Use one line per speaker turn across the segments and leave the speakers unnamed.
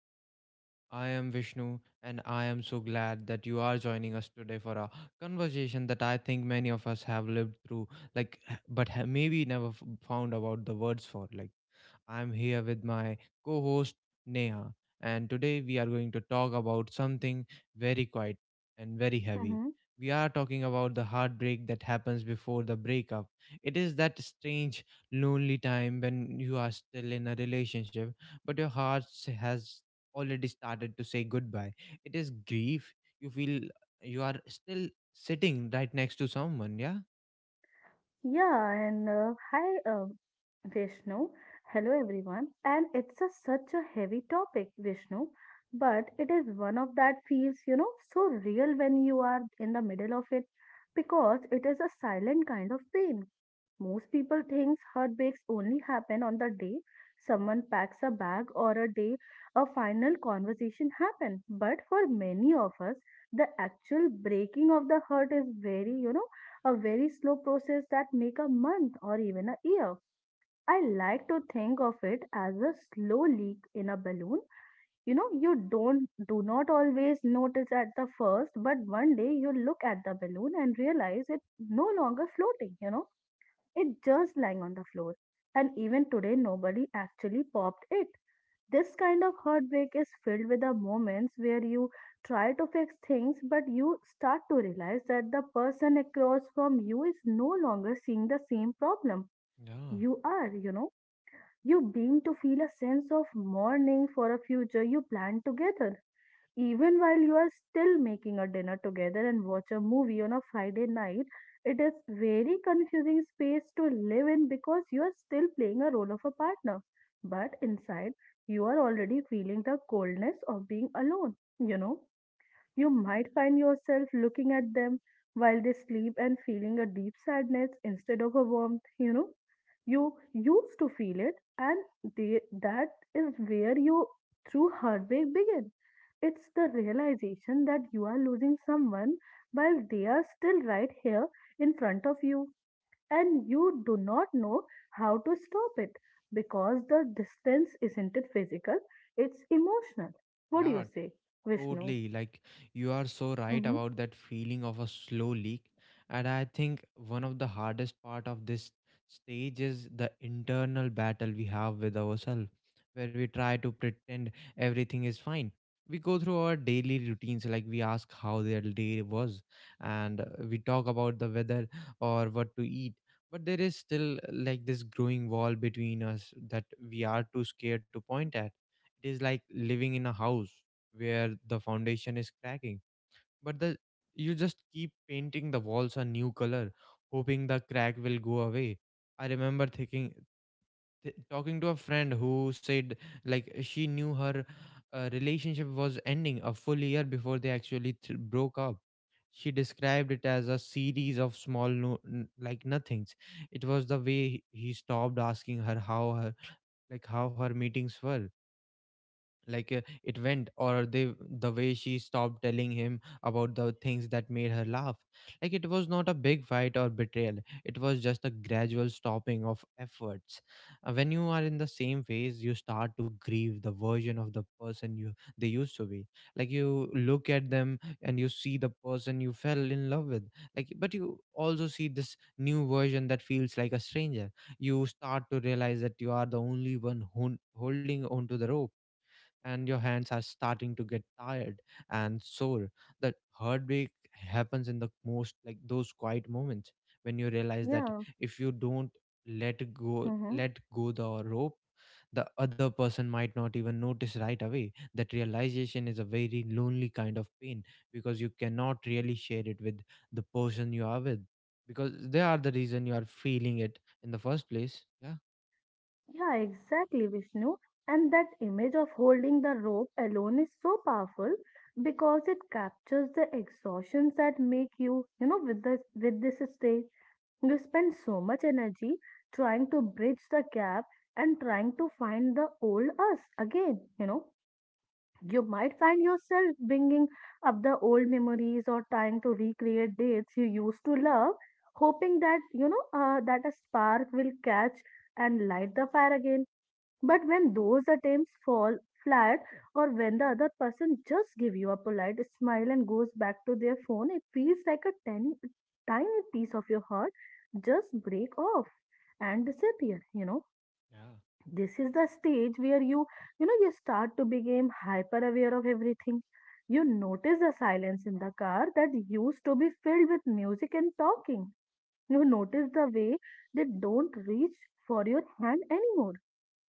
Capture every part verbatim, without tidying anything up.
to the show. I am Vishnu, and I am so glad that you are joining us today for a conversation that I think many of us have lived through, like, h- but ha- maybe never f- found about the words for. Like, I'm here with my co host, Neha, and today we are going to talk about something very quiet and very heavy.
Mm-hmm.
We are talking about the heartbreak that happens before the breakup. It is that strange, lonely time when you are still in a relationship but your heart s- has already started to say goodbye. It is grief. You feel you are still sitting right next to someone. Yeah.
Yeah, and uh, hi, uh, Vishnu. Hello, everyone. And it's a, such a heavy topic, Vishnu, but it is one of that feels, you know, so real when you are in the middle of it because it is a silent kind of pain. Most people thinks heartbreaks only happen on the day someone packs a bag or a day a final conversation happen. But for many of us, the actual breaking of the heart is very, you know, a very slow process that make a month or even a year. I like to think of it as a slow leak in a balloon. You know, you don't do not always notice at the first, but one day you look at the balloon and realize it no longer floating, you know it just lying on the floor. And even today, nobody actually popped it. This kind of heartbreak is filled with the moments where you try to fix things, but you start to realize that the person across from you is no longer seeing the same problem
Yeah.
you are, you know. You begin to feel a sense of mourning for a future you planned together even while you are still making a dinner together and watch a movie on a Friday night, it is very confusing space to live in because you are still playing a role of a partner. But inside, you are already feeling the coldness of being alone. You know, you might find yourself looking at them while they sleep and feeling a deep sadness instead of a warmth, you know. You used to feel it, and they, that is where you true heartbreak begins. It's the realization that you are losing someone while they are still right here in front of you, and you do not know how to stop it because the distance isn't it physical, it's emotional. What do you
Yeah,
say, Vishnu?
totally, like you are so right
Mm-hmm.
about that feeling of a slow leak. And I think one of the hardest part of this stage is the internal battle we have with ourselves, where we try to pretend everything is fine. We go through our daily routines, like we ask how their day was, and uh, we talk about the weather or what to eat. But there is still uh, like this growing wall between us that we are too scared to point at. It is like living in a house where the foundation is cracking but the you just keep painting the walls a new color hoping the crack will go away. I remember thinking, th- talking to a friend who said like she knew her uh, relationship was ending a full year before they actually th- broke up. She described it as a series of small no- n- like nothings. It was the way he he stopped asking her how her like how her meetings were like uh, it went, or they the way she stopped telling him about the things that made her laugh. Like it was not a big fight or betrayal, it was just a gradual stopping of efforts. Uh, when you are in the same phase you start to grieve the version of the person you they used to be. Like you look at them and you see the person you fell in love with, like, but you also see this new version that feels like a stranger. You start to realize that you are the only one who, holding on to the rope, and your hands are starting to get tired and sore. That heartbreak happens in the most like those quiet moments when you realize that
Yeah.
if you don't let go
Mm-hmm.
let go the rope, the other person might not even notice right away. That realization is a very lonely kind of pain because you cannot really share it with the person you are with, because they are the reason you are feeling it in the first place. Yeah.
Yeah, exactly, Vishnu. And that image of holding the rope alone is so powerful because it captures the exhaustions that make you, you know, with this with this state. You spend so much energy trying to bridge the gap and trying to find the old us again, you know. You might find yourself bringing up the old memories or trying to recreate dates you used to love, hoping that, you know, uh, that a spark will catch and light the fire again. But when those attempts fall flat or when the other person just give you a polite smile and goes back to their phone, it feels like a tiny, tiny piece of your heart just break off and disappear, you know.
Yeah,
This is the stage where you, you know, you start to become hyper aware of everything. You notice the silence in the car that used to be filled with music and talking. You notice the way they don't reach for your hand anymore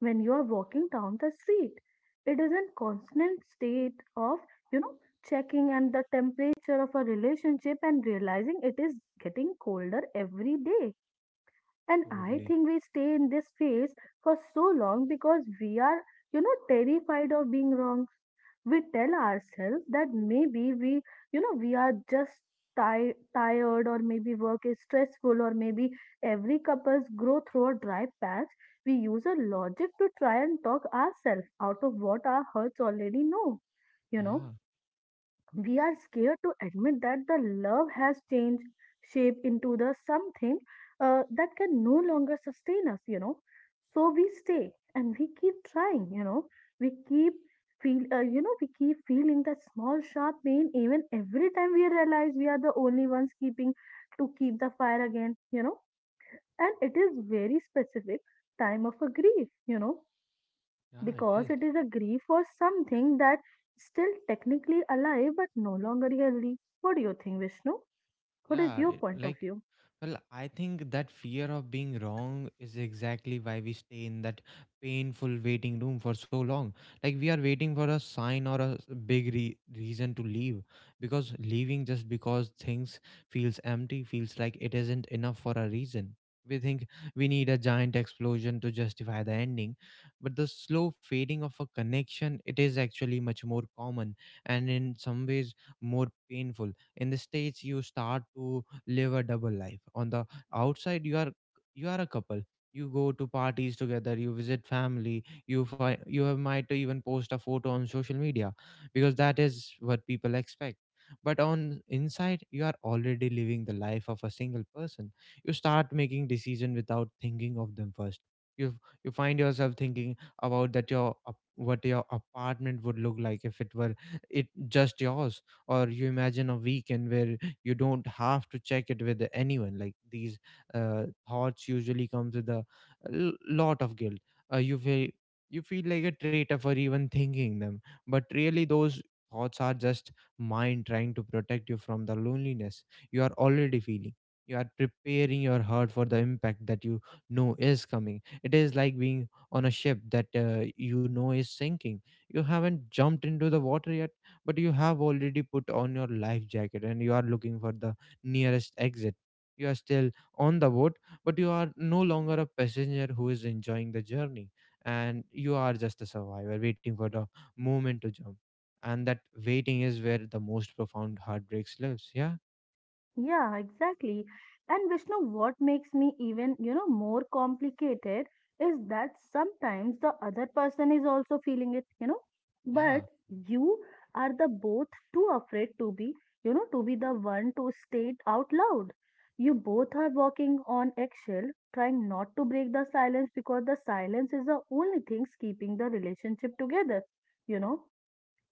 when you are walking down the street. It is a constant state of, you know, checking and the temperature of a relationship and realizing it is getting colder every day. And I
totally.
think we stay in this phase for so long because we are, you know, terrified of being wrong. We tell ourselves that maybe we, you know, we are just ti- tired or maybe work is stressful or maybe every couple's grow through a dry patch. We use a logic to try and talk ourselves out of what our hearts already know, you
Yeah,
know. We are scared to admit that the love has changed shape into the something, uh, that can no longer sustain us, you know. So we stay and we keep trying, you know. We keep feel uh, you know, we keep feeling that small sharp pain even every time we realize we are the only ones keeping to keep the fire again, you know. And it is very specific time of a grief, you know,
yeah, it
because
is.
it is a grief for something that still technically alive but no longer healthy. What do you think, Vishnu? What is
Yeah,
your
it,
point of
like,
view?
well, I think that fear of being wrong is exactly why we stay in that painful waiting room for so long. Like, we are waiting for a sign or a s- big re- reason to leave, because leaving just because things feels empty feels like it isn't enough for a reason. We think we need a giant explosion to justify the ending, but the slow fading of a connection, it is actually much more common and in some ways more painful. In the states you start to live a double life. On the outside you are you are a couple. You go to parties together, you visit family, you fi- you have- might even post a photo on social media because that is what people expect. But on inside you are already living the life of a single person. You start making decision without thinking of them first. you you find yourself thinking about that your ap- what your apartment would look like if it were it just yours, or you imagine a weekend where you don't have to check it with anyone. Like these uh, thoughts usually comes with a l- lot of guilt. uh, you feel you feel like a traitor for even thinking them, but really those thoughts are just mind trying to protect you from the loneliness you are already feeling. You are preparing your heart for the impact that you know is coming. It is like being on a ship that uh, you know is sinking. You haven't jumped into the water yet, but you have already put on your life jacket and you are looking for the nearest exit. You are still on the boat, but you are no longer a passenger who is enjoying the journey, and you are just a survivor waiting for the moment to jump. And that waiting is where the most profound heartbreaks lives. Yeah.
Yeah, exactly. And Vishnu, what makes me even, you know, more complicated is that sometimes the other person is also feeling it, you know,
Yeah,
but you are the both too afraid to be, you know, to be the one to state out loud. You both are walking on eggshell, trying not to break the silence because the silence is the only thing keeping the relationship together, you know.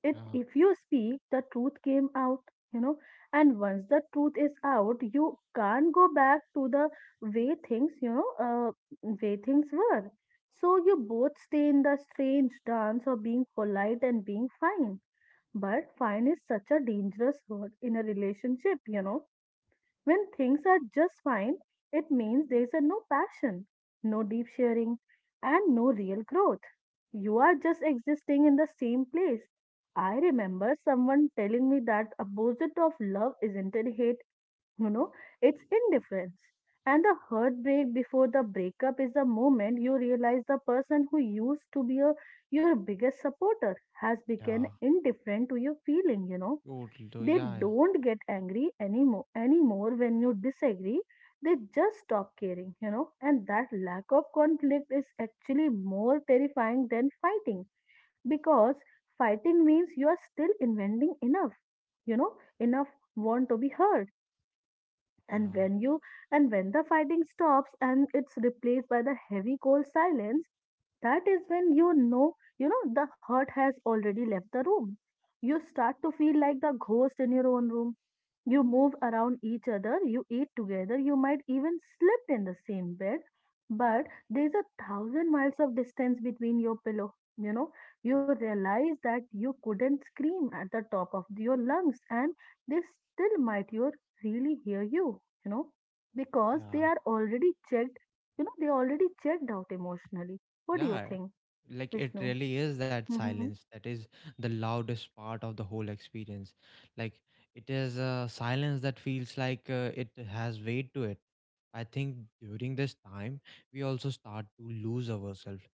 It
yeah,
if you speak the truth came out, you know, and once the truth is out you can't go back to the way things, you know, uh, way things were. So you both stay in the strange dance of being polite and being fine, but fine is such a dangerous word in a relationship, you know. When things are just fine, it means there is a no passion, no deep sharing, and no real growth. You are just existing in the same place. I remember someone telling me that opposite of love isn't it hate, you know, it's indifference. And the heartbreak before the breakup is the moment you realize the person who used to be a, your biggest supporter has
yeah.
become indifferent to your feeling, you know.
Totally.
They
Yeah,
don't get angry anymore anymore when you disagree. They just stop caring, you know, and that lack of conflict is actually more terrifying than fighting because fighting means you are still inventing enough, you know, enough want to be heard. And
yeah,
when you and when the fighting stops and it's replaced by the heavy cold silence, that is when you know, you know, the hurt has already left the room. You start to feel like the ghost in your own room. You move around each other, you eat together, you might even slept in the same bed, but there's a thousand miles of distance between your pillow, you know. You realize that you couldn't scream at the top of your lungs and they still might you really hear you, you know, because they
yeah.
are already checked, you know, they already checked out emotionally. What do you
Yeah,
think,
like it
Vishnu?
really is that
Hmm.
silence that is the loudest part of the whole experience. Like it is a silence that feels like uh, it has weight to it. I think during this time, we also start to lose ourselves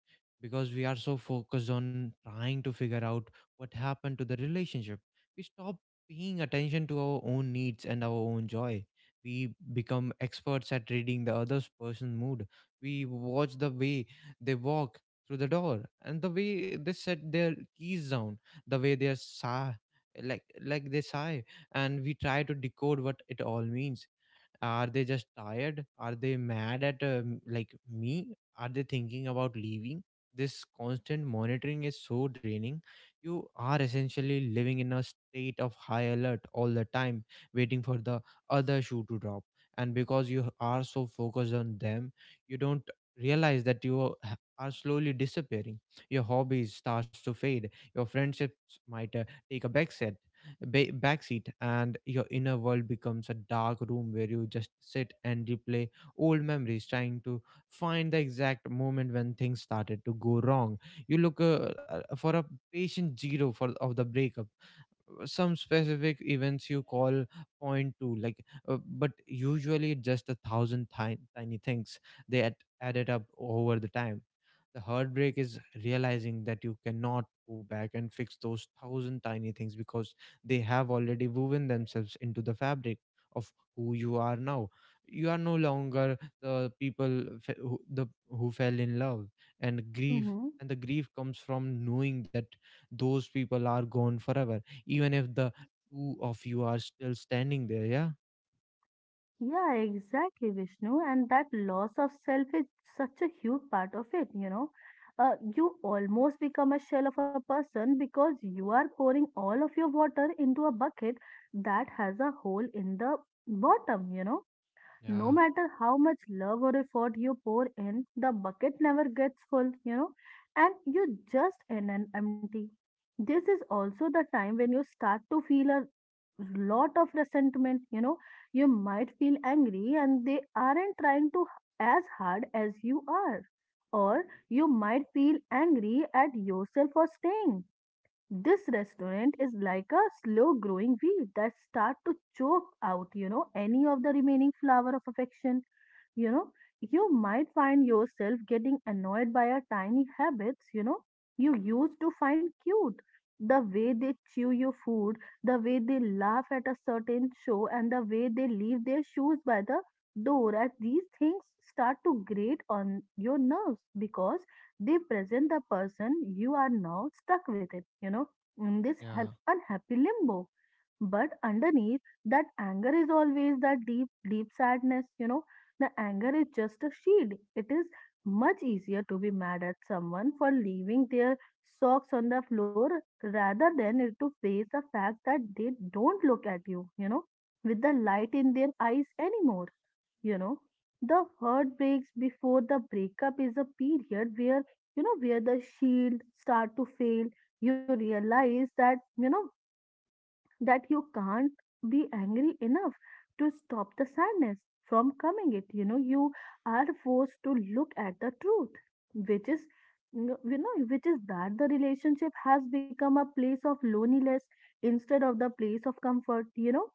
because we are so focused on trying to figure out what happened to the relationship. We stop paying attention to our own needs and our own joy. We become experts at reading the other person's mood. We watch the way they walk through the door, and the way they set their keys down, the way they are sigh, like like they sigh, and we try to decode what it all means. Are they just tired? Are they mad at um, like me? Are they thinking about leaving? This constant monitoring is so draining. You are essentially living in a state of high alert all the time, waiting for the other shoe to drop. And because you are so focused on them, you don't realize that you are are slowly disappearing. Your hobbies starts to fade. Your friendships might uh, take a backseat ba- backseat, and your inner world becomes a dark room where you just sit and replay old memories trying to find the exact moment when things started to go wrong. You look uh, uh, for a patient zero for of the breakup, some specific events you call point two, like uh, but usually just a thousand tiny, tiny things they add, added up over the time. The heartbreak is realizing that you cannot go back and fix those thousand tiny things because they have already woven themselves into the fabric of who you are now. You are no longer the people fe- who, the, who fell in love and grief.
Mm-hmm.
And the grief comes from knowing that those people are gone forever, even if the two of you are still standing there. Yeah.
Yeah, exactly, Vishnu. And that loss of self is such a huge part of it, you know. Uh, you almost become a shell of a person because you are pouring all of your water into a bucket that has a hole in the bottom, you know. No
Yeah,
matter how much love or effort you pour in, the bucket never gets full, you know, and you just end an empty. This is also the time when you start to feel a lot of resentment, you know, you might feel angry and they aren't trying to as hard as you are. Or you might feel angry at yourself for staying. This restaurant is like a slow growing weed that start to choke out, you know, any of the remaining flower of affection. You know, you might find yourself getting annoyed by a tiny habits, you know, you used to find cute. The way they chew your food, the way they laugh at a certain show, and the way they leave their shoes by the door as these things start to grate on your nerves because they present the person you are now stuck with it, you know, in this ha-
yeah.
unhappy limbo. But underneath that anger is always that deep, deep sadness, you know. The anger is just a shield. It is much easier to be mad at someone for leaving their socks on the floor rather than it to face the fact that they don't look at you, you know, with the light in their eyes anymore, you know. The heartbreaks before the breakup is a period where, you know, where the shield start to fail. You realize that, you know, that you can't be angry enough to stop the sadness from coming it, you know. You are forced to look at the truth, which is, you know, which is that the relationship has become a place of loneliness instead of the place of comfort, you know.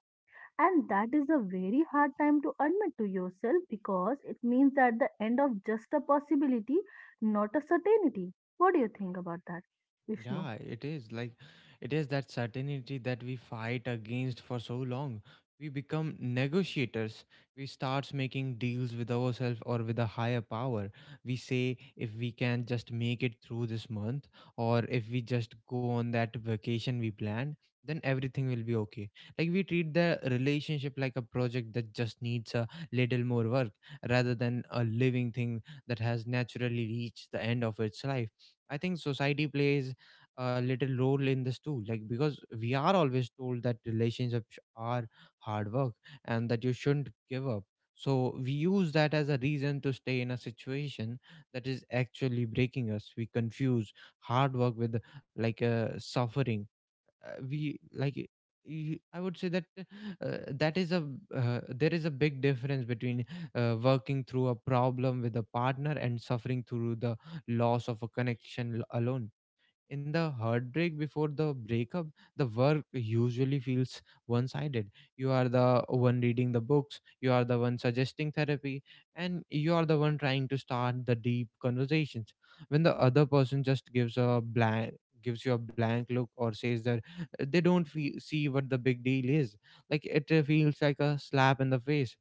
And that is a very hard time to admit to yourself because it means that the end of just a possibility, not a certainty. What do you think about that, Vishnu?
Yeah, it is like it is that certainty that we fight against for so long. We become negotiators. We starts making deals with ourselves or with a higher power. We say if we can just make it through this month or if we just go on that vacation we planned, then everything will be okay. Like we treat the relationship like a project that just needs a little more work rather than a living thing that has naturally reached the end of its life. I think society plays a little role in this too, like, because we are always told that relationships are hard work and that you shouldn't give up. So we use that as a reason to stay in a situation that is actually breaking us. We confuse hard work with like uh, suffering. uh, we like y- I would say that uh, that is a uh, there is a big difference between uh, working through a problem with a partner and suffering through the loss of a connection l- alone. In the heartbreak before the breakup, the work usually feels one sided. You are the one reading the books, you are the one suggesting therapy, and you are the one trying to start the deep conversations. When the other person just gives a blank gives you a blank look or says that uh, they don't fe- see what the big deal is, like it uh, feels like a slap in the face.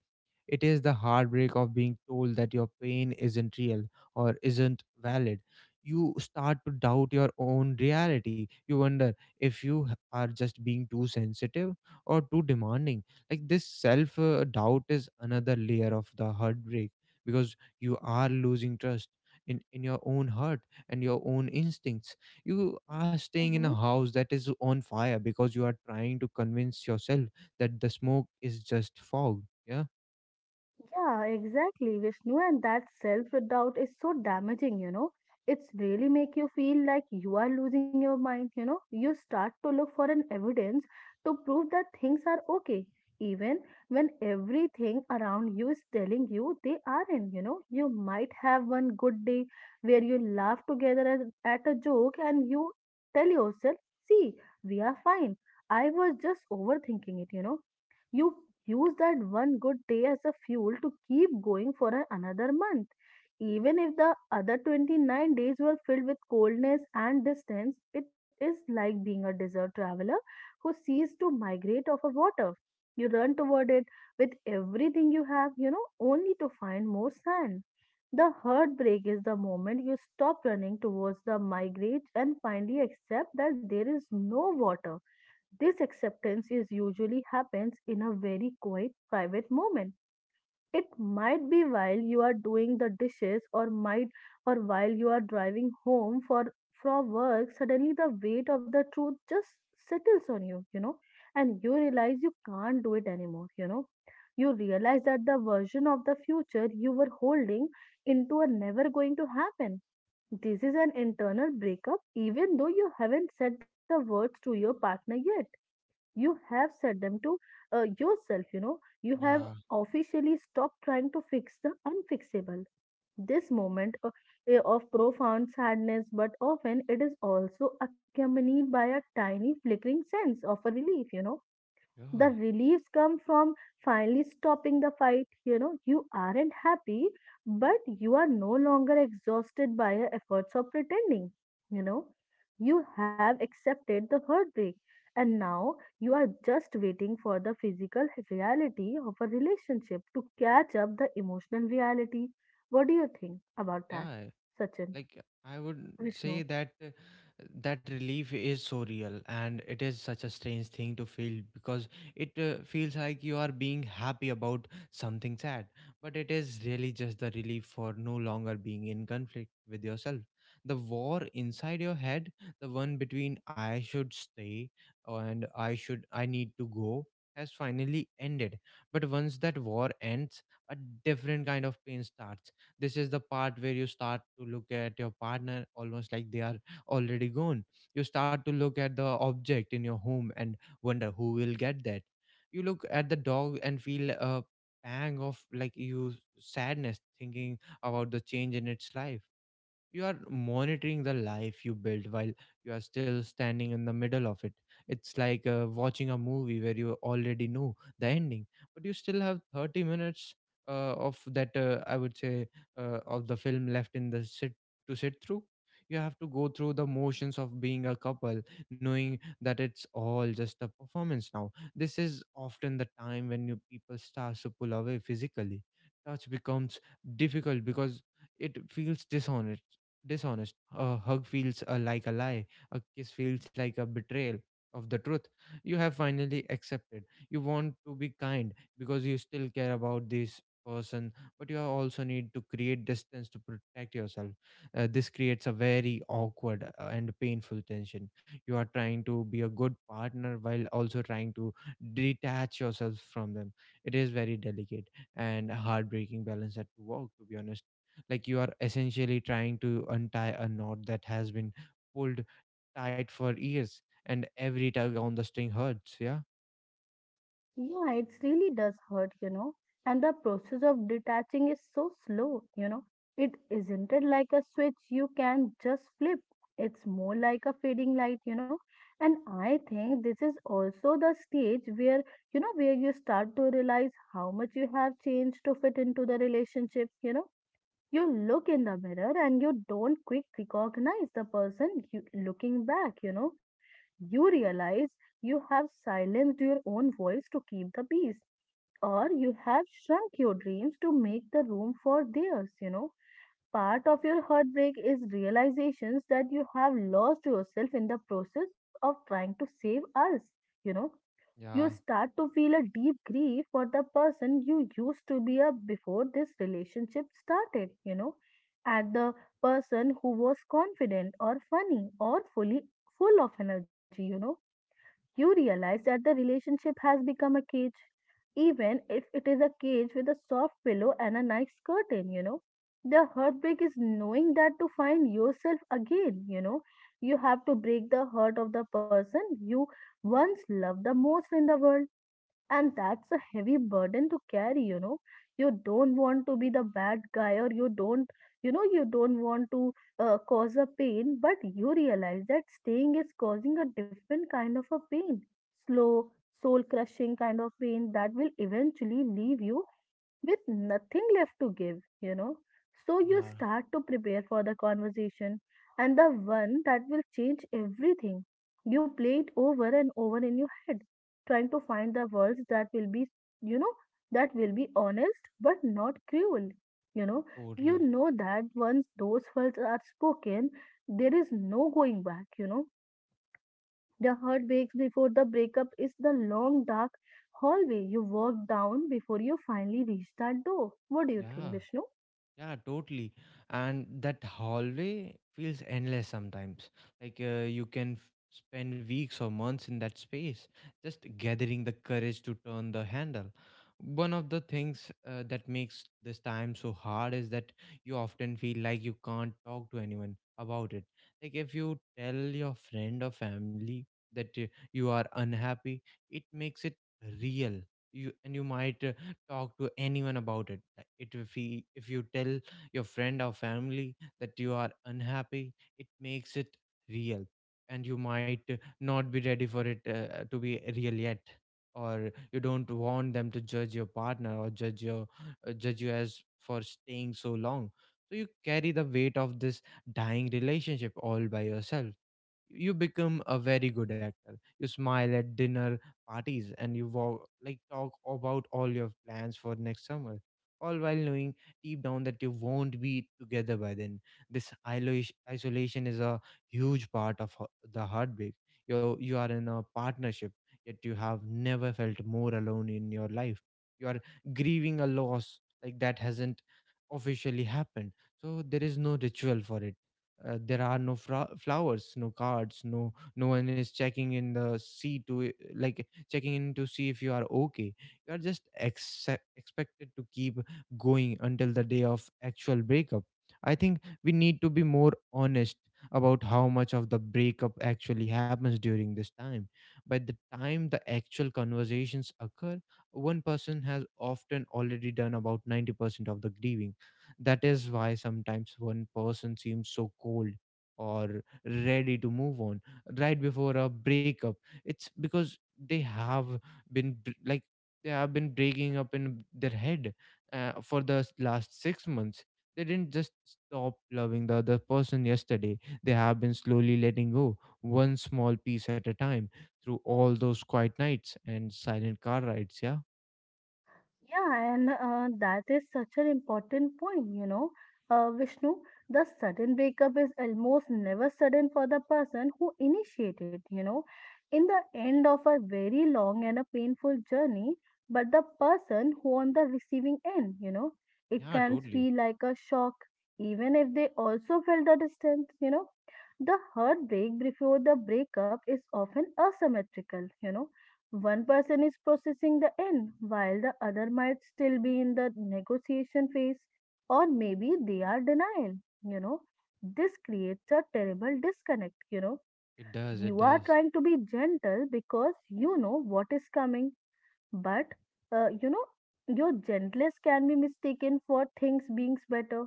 It is the heartbreak of being told that your pain isn't real or isn't valid. You start to doubt your own reality. You wonder if you h- are just being too sensitive or too demanding. Like this self uh, doubt is another layer of the heartbreak because you are losing trust in, in your own heart and your own instincts. You are staying in a house that is on fire because you are trying to convince yourself that the smoke is just fog. Yeah.
Yeah, exactly, Vishnu, and that self-doubt is so damaging, you know. It's really make you feel like you are losing your mind, you know. You start to look for an evidence to prove that things are okay, even when everything around you is telling you they aren't, you know. You might have one good day where you laugh together at, at a joke and you tell yourself, see, we are fine. I was just overthinking it, you know. You use that one good day as a fuel to keep going for a- another month. Even if the other twenty-nine days were filled with coldness and distance, it is like being a desert traveler who sees to migrate off a water. You run toward it with everything you have, you know, only to find more sand. The heartbreak is the moment you stop running towards the migrate and finally accept that there is no water. This acceptance is usually happens in a very quiet private moment. It might be while you are doing the dishes or might or while you are driving home for from work. Suddenly the weight of the truth just settles on you, you know, and you realize you can't do it anymore, you know. You realize that the version of the future you were holding into are never going to happen. This is an internal breakup, even though you haven't said the words to your partner yet. You have set them to uh, yourself, you know. You have
Yeah,
officially stopped trying to fix the unfixable. This moment uh, eh, of profound sadness, but often it is also accompanied by a tiny flickering sense of a relief, you know. The
yeah,
release come from finally stopping the fight, you know. You aren't happy, but you are no longer exhausted by your efforts of pretending, you know. You have accepted the heartbreak, and now you are just waiting for the physical reality of a relationship to catch up the emotional reality. What do you think about that,
yeah.
Sachin?
Like I would
Vishnu,
say that uh, that relief is so real, and it is such a strange thing to feel because it uh, feels like you are being happy about something sad, but it is really just the relief for no longer being in conflict with yourself. The war inside your head, the one between I should stay and I should I need to go, has finally ended. But once that war ends, a different kind of pain starts. This is the part where you start to look at your partner almost like they are already gone. You start to look at the object in your home and wonder who will get that. You look at the dog and feel a pang of like you sadness thinking about the change in its life. You are monitoring the life you built while you are still standing in the middle of it. It's like uh, watching a movie where you already know the ending, but you still have thirty minutes uh, of that uh, I would say uh, of the film left in the sit to sit through. You have to go through the motions of being a couple, knowing that it's all just a performance now. This is often the time when you people start to pull away physically. Touch becomes difficult because it feels dishonest dishonest. A hug feels uh, like a lie. A kiss feels like a betrayal of the truth you have finally accepted. You want to be kind because you still care about this person, but you also need to create distance to protect yourself. Uh, this creates a very awkward uh, and painful tension. You are trying to be a good partner while also trying to detach yourself from them. It is very delicate and a heartbreaking balance that to walk, to be honest. Like you are essentially trying to untie a knot that has been pulled tight for years, and every tug on the string hurts. yeah
yeah, it really does hurt, you know. And the process of detaching is so slow, you know. It isn't it like a switch you can just flip. It's more like a fading light, you know. And I think this is also the stage where, you know, where you start to realize how much you have changed to fit into the relationship, you know. You look in the mirror and you don't quick recognize the person you, looking back, you know. You realize you have silenced your own voice to keep the peace, or you have shrunk your dreams to make the room for theirs, you know. Part of your heartbreak is realizations that you have lost yourself in the process of trying to save us, you know. You
yeah
start to feel a deep grief for the person you used to be a before this relationship started, you know, at the person who was confident or funny or fully full of energy, you know. You realize that the relationship has become a cage, even if it is a cage with a soft pillow and a nice curtain, you know. The heartbreak is knowing that to find yourself again, you know, you have to break the heart of the person you once loved the most in the world, and that's a heavy burden to carry, you know. You don't want to be the bad guy, or you don't, you know, you don't want to uh, cause a pain, but you realize that staying is causing a different kind of a pain. Slow, soul crushing kind of pain that will eventually leave you with nothing left to give, you know. So you
yeah
start to prepare for the conversation and the one that will change everything. You play it over and over in your head, trying to find the words that will be, you know, that will be honest but not cruel. You know, you
totally
know that once those words are spoken, there is no going back, you know. The heartbreaks before the breakup is the long dark hallway you walk down before you finally reach that door. What do you think,
yeah
Vishnu?
Yeah, totally. And that hallway feels endless sometimes. Like uh, you can f- spend weeks or months in that space, just gathering the courage to turn the handle. One of the things uh, that makes this time so hard is that you often feel like you can't talk to anyone about it. Like if you tell your friend or family that uh, you are unhappy, it makes it real. You and you might uh, talk to anyone about it Like, it if, he, if you tell your friend or family that you are unhappy, it makes it real, and you might uh, not be ready for it uh, to be real yet. Or you don't want them to judge your partner, or judge your uh, judge you as for staying so long. So you carry the weight of this dying relationship all by yourself. You become a very good actor. You smile at dinner parties and you walk, like talk about all your plans for next summer, all while knowing deep down that you won't be together by then. This isolation isolation is a huge part of ho- the heartbreak. You you are in a partnership, yet you have never felt more alone in your life. You are grieving a loss like that hasn't officially happened, so there is no ritual for it. Uh, there are no fra- flowers, no cards, no no one is checking in the sea to I- like checking in to see if you are okay. You are just ex expected to keep going until the day of actual breakup. I think we need to be more honest about how much of the breakup actually happens during this time. By the time the actual conversations occur, one person has often already done about ninety percent of the grieving. That is why sometimes one person seems so cold or ready to move on right before a breakup. It's because they have been br- like they have been breaking up in their head uh, for the s- last six months. They didn't just stop loving the other person yesterday. They have been slowly letting go one small piece at a time through all those quiet nights and silent car rides. Yeah.
Yeah, and uh, that is such an important point, you know, uh, Vishnu. The sudden breakup is almost never sudden for the person who initiated, you know, in the end of a very long and a painful journey, but the person who on the receiving end, you know, it
Yeah,
can
totally.
feel like a shock, even if they also felt the distance, you know. The heartbreak before the breakup is often asymmetrical, you know. One person is processing the end, while the other might still be in the negotiation phase, or maybe they are denial. You know, this creates a terrible disconnect. You know,
It does. It
you are
does.
trying to be gentle because you know what is coming, but uh, you know, your gentleness can be mistaken for things being better.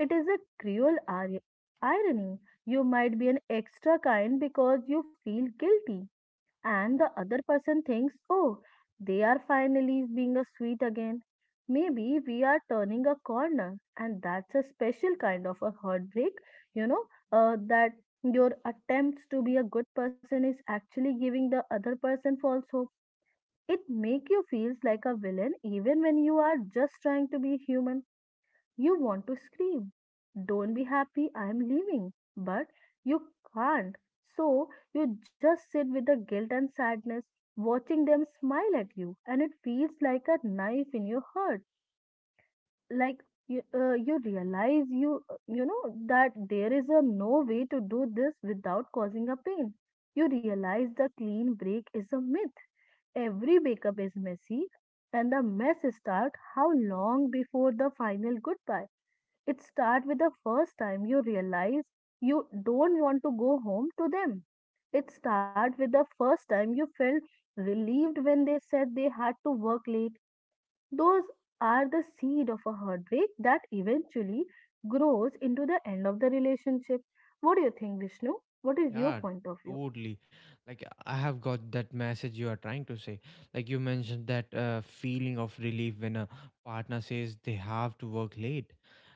It is a cruel ir- irony. You might be an extra kind because you feel guilty, and the other person thinks, oh, they are finally being a sweet again. Maybe we are turning a corner, and that's a special kind of a heartbreak, you know, uh, that your attempts to be a good person is actually giving the other person false hope. It make you feels like a villain even when you are just trying to be human. You want to scream, don't be happy, I am leaving. But you can't. So you just sit with the guilt and sadness, watching them smile at you, and it feels like a knife in your heart. Like you, uh, you realize you, you know, that there is a no way to do this without causing a pain. You realize the clean break is a myth. Every breakup is messy, and the mess starts how long before the final goodbye? It starts with the first time you realize you don't want to go home to them. It starts with the first time you felt relieved when they said they had to work late. Those are the seed of a heartbreak that eventually grows into the end of the relationship. What do you think, Vishnu? What is your
Yeah,
point of view?
totally. Like I have got that message you are trying to say. Like you mentioned that uh, feeling of relief when a partner says they have to work late,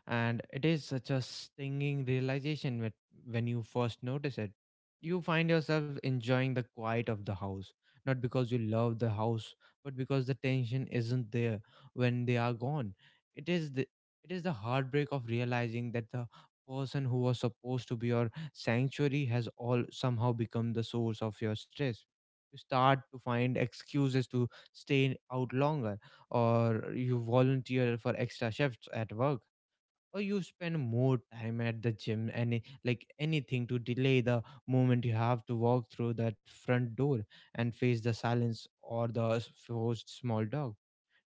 and it is such a stinging realization that when you first notice it, you find yourself enjoying the quiet of the house, not because you love the house, but because the tension isn't there when they are gone. It is the it is the heartbreak of realizing that the person who was supposed to be your sanctuary has all somehow become the source of your stress. You start to find excuses to stay out longer, or you volunteer for extra shifts at work, or you spend more time at the gym, any like anything to delay the moment you have to walk through that front door and face the silence or the s- forced small dog.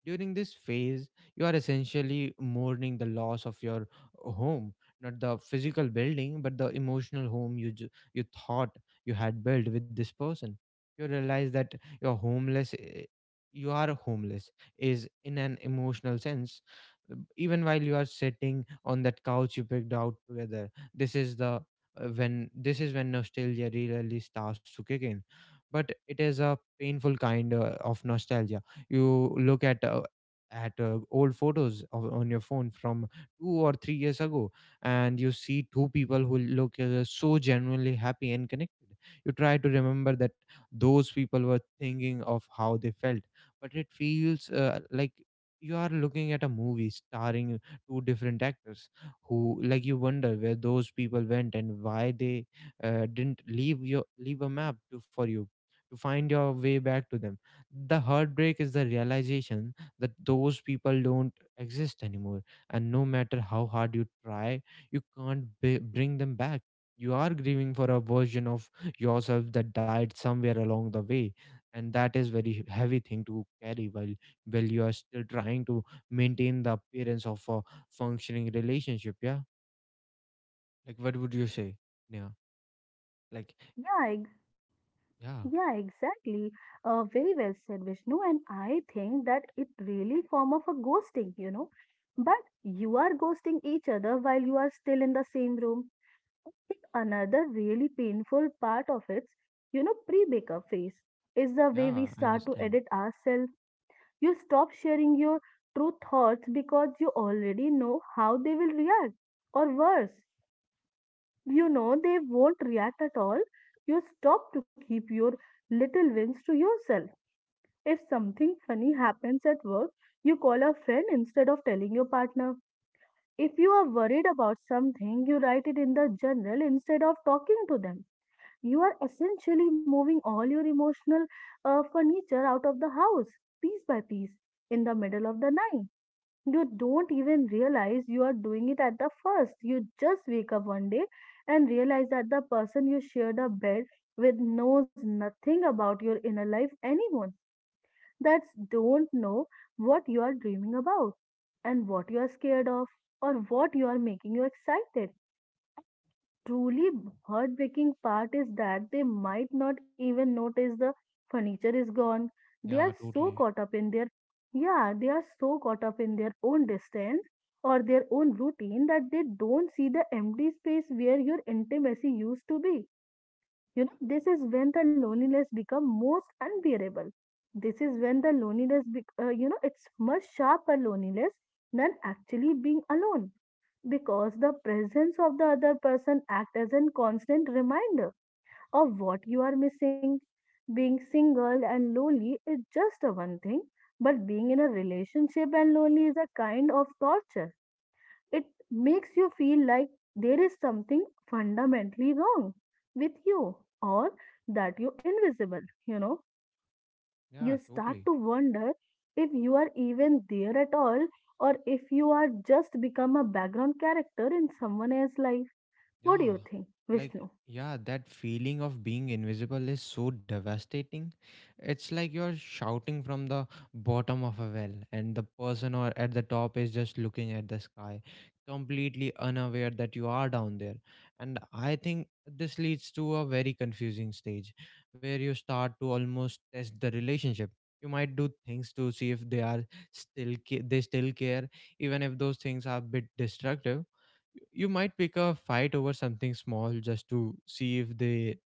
During this phase, you are essentially mourning the loss of your home, not the physical building, but the emotional home you ju- you thought you had built with this person. You realize that you're homeless. eh, You are homeless is in an emotional sense, even while you are sitting on that couch you picked out together. This is the uh, when this is when nostalgia really starts to kick in, but it is a painful kind uh, of nostalgia. You look at uh, at uh, old photos of, on your phone from two or three years ago, and you see two people who look uh, so genuinely happy and connected. You try to remember that those people were thinking of how they felt, but it feels uh, like you are looking at a movie starring two different actors. Who like You wonder where those people went and why they uh, didn't leave your leave a map to, for you to find your way back to them. The heartbreak is the realization that those people don't exist anymore, and no matter how hard you try, you can't b- bring them back. You are grieving for a version of yourself that died somewhere along the way, and that is very heavy thing to carry while while you are still trying to maintain the appearance of a functioning relationship. yeah like what would you say? Yeah like
Yeah, I
yeah
yeah, exactly. Uh, very well said, Vishnu. And I think that it really form of a ghosting, you know. But you are ghosting each other while you are still in the same room. I think another really painful part of it, you know, pre-breakup phase is the way we
yeah I
start to
understand
edit ourselves. You stop sharing your true thoughts because you already know how they will react, or worse, you know they won't react at all. You stop to keep your little wins to yourself. If something funny happens at work, you call a friend instead of telling your partner. If you are worried about something, you write it in the journal instead of talking to them. You are essentially moving all your emotional uh, furniture out of the house, piece by piece, in the middle of the night. You don't even realize you are doing it at the first. You just wake up one day and realize that the person you shared a bed with knows nothing about your inner life anymore. That's don't know what you are dreaming about, and what you are scared of, or what you are making you excited. Truly heartbreaking part is that they might not even notice the furniture is gone. They
yeah
are so
totally
caught up in their Yeah, they are so caught up in their own distance or their own routine that they don't see the empty space where your intimacy used to be. You know, this is when the loneliness become most unbearable. This is when the loneliness, bec- uh, you know, it's much sharper loneliness than actually being alone, because the presence of the other person acts as a constant reminder of what you are missing. Being single and lonely is just a one thing, but being in a relationship and lonely is a kind of torture. It makes you feel like there is something fundamentally wrong with you, or that you're invisible, you know.
yeah
You start
totally
to wonder if you are even there at all, or if you are just become a background character in someone else's life. What do
Yeah.
you think,
Like,
Vishnu?
yeah, that feeling of being invisible is so devastating. It's like you're shouting from the bottom of a well, and the person or at the top is just looking at the sky, completely unaware that you are down there. And I think this leads to a very confusing stage where you start to almost test the relationship. You might do things to see if they are still ca- they still care, even if those things are a bit destructive. You might pick a fight over something small just to see if they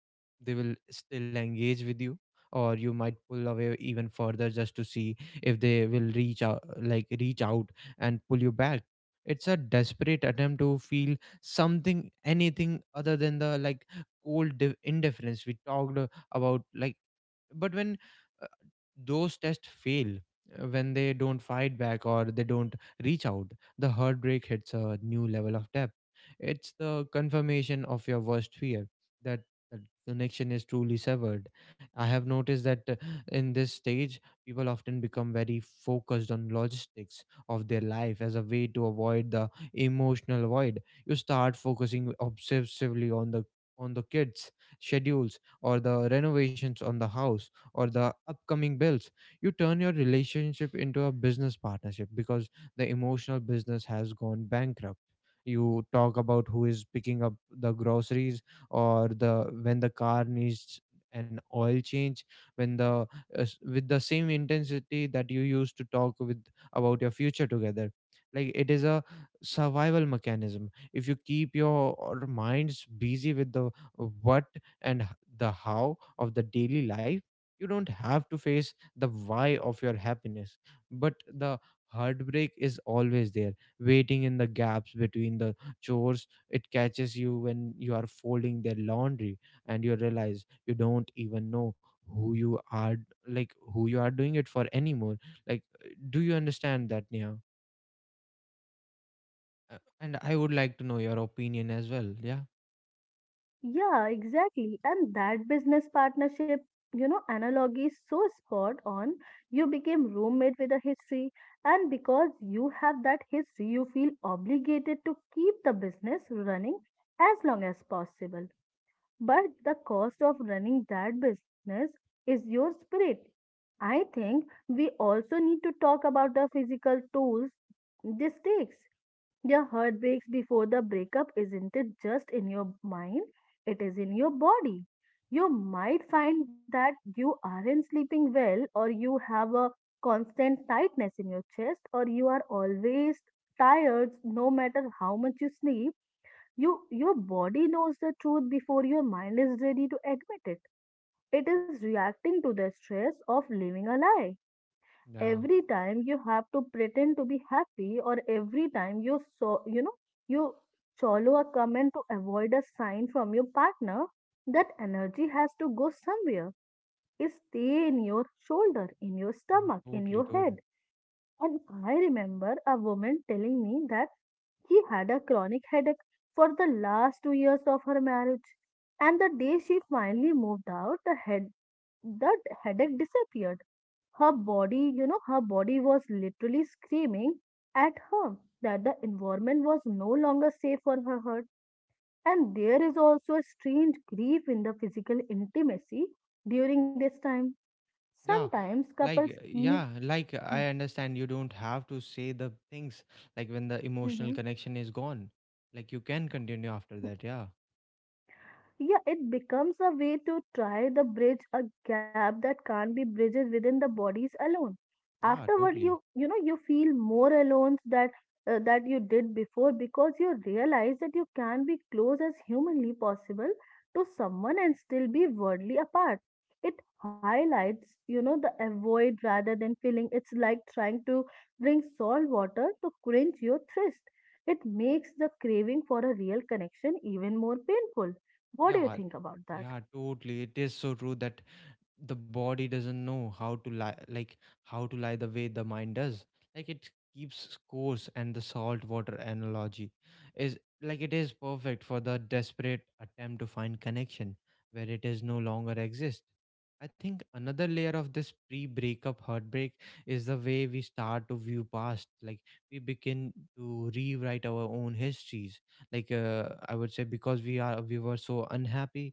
they will still engage with you, or you might pull away even further just to see if they will reach out like reach out and pull you back. It's a desperate attempt to feel something, anything, other than the like cold di- indifference we talked uh, about. Like but when uh, those tests fail, uh, when they don't fight back or they don't reach out, the heartbreak hits a new level of depth. It's the confirmation of your worst fear, that the connection is truly severed. I have noticed that uh, in this stage, people often become very focused on logistics of their life as a way to avoid the emotional void. You start focusing obsessively on the on the kids' schedules, or the renovations on the house, or the upcoming bills. You turn your relationship into a business partnership because the emotional business has gone bankrupt. You talk about who is picking up the groceries, or the when the car needs an oil change, when the as- with the same intensity that you used to talk with about your future together. Like it is a survival mechanism. If you keep your or minds busy with the what and h- the how of the daily life, you don't have to face the why of your happiness. But the heartbreak is always there, waiting in the gaps between the chores. It catches you when you are folding their laundry and you realize you don't even know who you are like who you are doing it for anymore. Like, do you understand that, Nia? Uh, and I would like to know your opinion as well. yeah
Yeah, exactly. And that business partnership, you know, analogy is so spot on. You became roommate with a history, and because you have that history, you feel obligated to keep the business running as long as possible. But the cost of running that business is your spirit. I think we also need to talk about the physical tools this takes. The heartbreaks before the breakup isn't it just in your mind, it is in your body. You might find that you aren't sleeping well, or you have a constant tightness in your chest, or you are always tired no matter how much you sleep. You, your body knows the truth before your mind is ready to admit it. It is reacting to the stress of living a lie.
Yeah,
Every time you have to pretend to be happy, or every time you so you know you swallow a comment to avoid a sign from your partner, that energy has to go somewhere. It stay in your shoulder, in your
yeah,
stomach, in
totally,
your head.
totally.
And i remember a woman telling me that she had a chronic headache for the last two years of her marriage. And the day she finally moved out, the head that headache disappeared. Her body, you know, her body was literally screaming at her that the environment was no longer safe for her heart. And there is also a strange grief in the physical intimacy during this time.
Yeah,
Sometimes
like
couples
uh,
keep.
yeah, like uh, I understand. You don't have to say the things like when the emotional
Mhm.
connection is gone. Like you can continue after that. Yeah.
Yeah, it becomes a way to try to bridge a gap that can't be bridged within the bodies alone.
Yeah,
Afterward, you
totally.
you know you feel more alone that uh, that you did before, because you realize that you can be close as humanly possible to someone and still be worldly apart. It highlights you know the avoid rather than filling. It's like trying to bring salt water to quench your thirst. It makes the craving for a real connection even more painful. What do you
Yeah.
think about that?
Yeah, totally. It is so true that the body doesn't know how to lie like how to lie the way the mind does, like it keeps scores. And the salt water analogy is like it is perfect for the desperate attempt to find connection where it is no longer exist. I think another layer of this pre breakup heartbreak is the way we start to view past, like we begin to rewrite our own histories. Like, uh, I would say, because we are we were so unhappy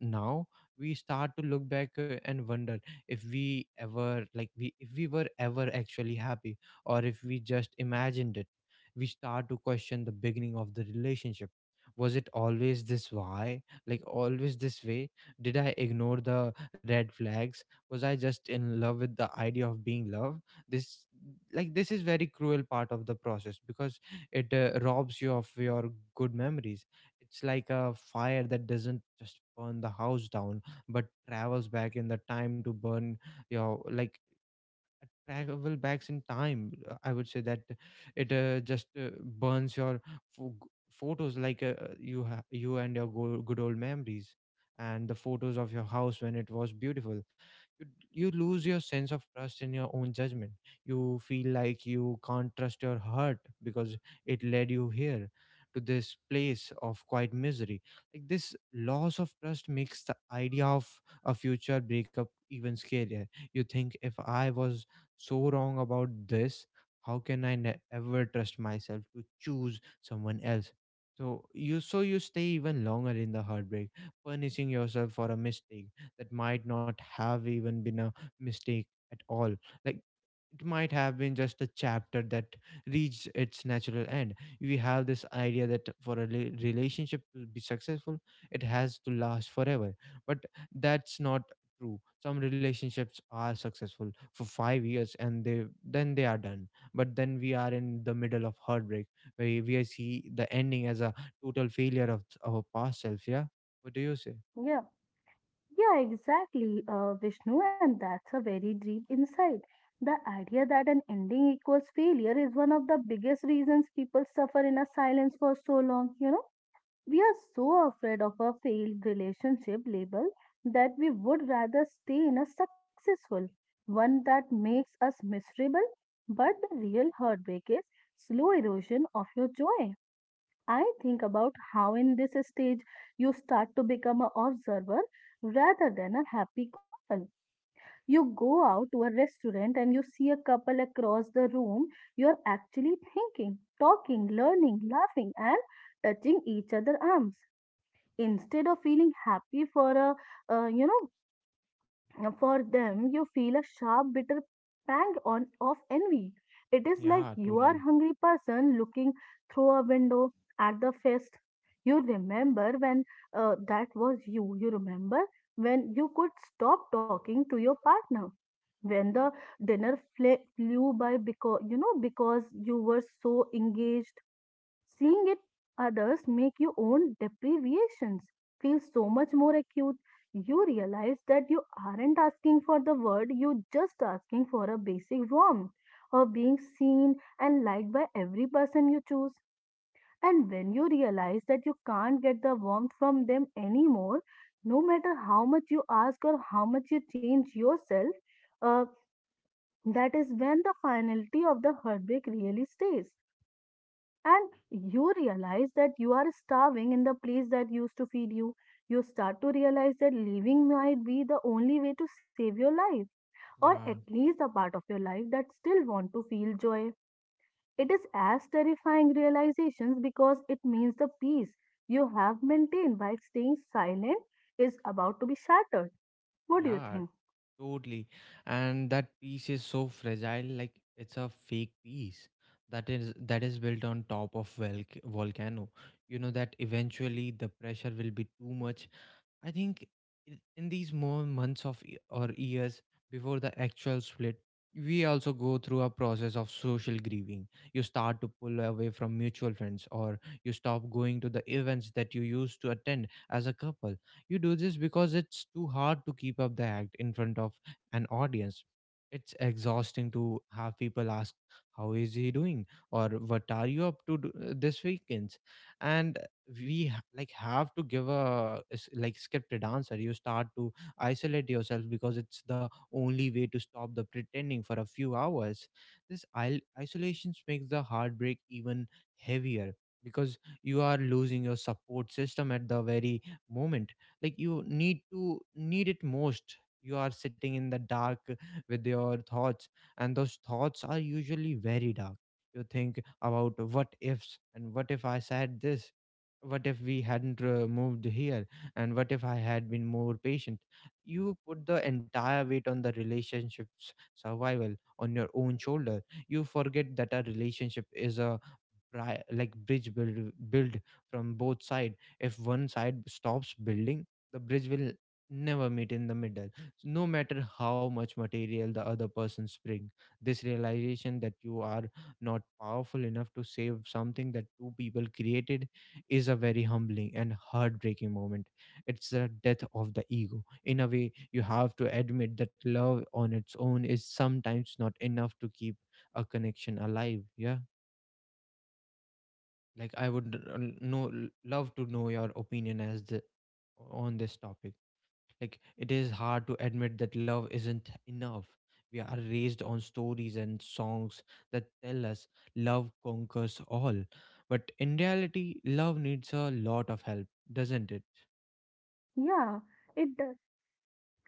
now, we start to look back uh, and wonder if we ever, like we if we were ever actually happy, or if we just imagined it. We start to question the beginning of the relationship. Was it always this why, like always this way? Did I ignore the red flags? Was I just in love with the idea of being loved? this like this is very cruel part of the process, because it uh, robs you of your good memories. It's like a fire that doesn't just burn the house down, but travels back in the time to burn your, like, travel backs in time. Uh, I would say that it uh, just uh, burns your pho- g- photos, like uh, uh, you ha- you and your go- good old memories, and the photos of your house when it was beautiful. You you lose your sense of trust in your own judgment. You feel like you can't trust your heart because it led you here, to this place of quiet misery. Like, this loss of trust makes the idea of a future breakup even scarier. You think, if I was so wrong about this, how can I ne- ever trust myself to choose someone else? So you so you stay even longer in the heartbreak, punishing yourself for a mistake that might not have even been a mistake at all. Like, it might have been just a chapter that reached its natural end. We have this idea that for a rela- relationship to be successful, it has to last forever. But that's not true. Some relationships are successful for five years and they then they are done. But then we are in the middle of heartbreak, where we see the ending as a total failure of our past self. Yeah. What do you say?
Yeah. Yeah, exactly, uh, Vishnu, and that's a very deep insight. The idea that an ending equals failure is one of the biggest reasons people suffer in a silence for so long. You know, we are so afraid of a failed relationship label that we would rather stay in a successful one that makes us miserable. But the real heartbreak is slow erosion of your joy. I think about how in this stage you start to become an observer rather than a happy couple. You go out to a restaurant and you see a couple across the room. You're actually thinking, talking, learning, laughing, and touching each other arms instead of feeling happy for a uh, you know uh, For them. You feel a sharp, bitter pang on of envy. It is like
Yeah,
you are
totally.
hungry person looking through a window at the feast. You remember when uh, that was you. You remember when you could stop talking to your partner. When the dinner fle- flew by because you know because you were so engaged. Seeing it others make your own deprivations feel so much more acute. You realize that you aren't asking for the world, you're just asking for a basic warmth of being seen and liked by every person you choose. And when you realize that you can't get the warmth from them anymore, no matter how much you ask or how much you change yourself, uh, that is when the finality of the heartbreak really stays. And you realize that you are starving in the place that used to feed you. You start to realize that leaving might be the only way to save your life, or at
Yeah.
least the part of your life that still want to feel joy. It is as terrifying realizations because it means the peace you have maintained by staying silent is about to be shattered. What do you
Yeah,
think?
totally. And that piece is so fragile, like it's a fake piece that is that is built on top of volc- volcano. You know that eventually the pressure will be too much. I think i- in these more months of y- or years before the actual split, we also go through a process of social grieving. You start to pull away from mutual friends, or you stop going to the events that you used to attend as a couple. You do this because it's too hard to keep up the act in front of an audience. It's exhausting to have people ask, "How is he doing?" or "What are you up to do- this weekend?" And we ha- like have to give a s- like scripted answer. You start to isolate yourself because it's the only way to stop the pretending for a few hours. This il- isolation makes the heartbreak even heavier, because you are losing your support system at the very moment, like you need to need it most. You are sitting in the dark with your thoughts, and those thoughts are usually very dark. You think about what ifs, and what if I said this, what if we hadn't uh, moved here, and what if I had been more patient? You put the entire weight on the relationship's survival on your own shoulder. You forget that a relationship is a bri- like bridge build build from both side. If one side stops building, the bridge will never meet in the middle. So no matter how much material the other persons bring, this realization that you are not powerful enough to save something that two people created is a very humbling and heartbreaking moment. It's the death of the ego. In a way, you have to admit that love on its own is sometimes not enough to keep a connection alive. Yeah, like I would uh, know love to know your opinion as the on this topic. Like, it is hard to admit that love isn't enough. We are raised on stories and songs that tell us love conquers all. But in reality, love needs a lot of help, doesn't it?
Yeah, it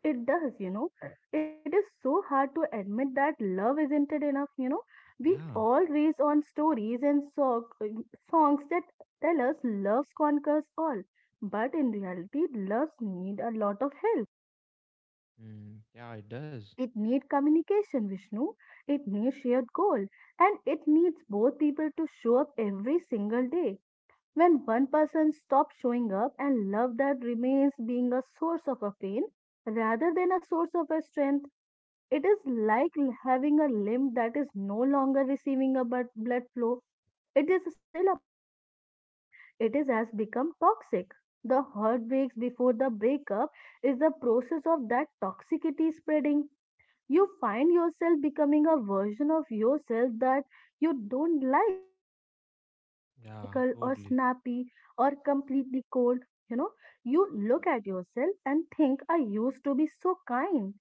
It does, you know. It is so hard to admit that love isn't it enough, you know. We
Yeah.
always on stories and so- songs that tell us love conquers all. But in reality, loves need a lot of help.
Mm, yeah, it does.
It needs communication, Vishnu. It needs shared goal. And it needs both people to show up every single day. When one person stops showing up and love that remains being a source of a pain rather than a source of a strength, it is like having a limb that is no longer receiving a blood blood flow. It is still a part of you, but it is has become toxic. The heartbreaks before the breakup is the process of that toxicity spreading. You find yourself becoming a version of yourself that you don't like. Maybe you become
Yeah,
clinical or
totally.
snappy or completely cold. You know, you look at yourself and think, I used to be so kind.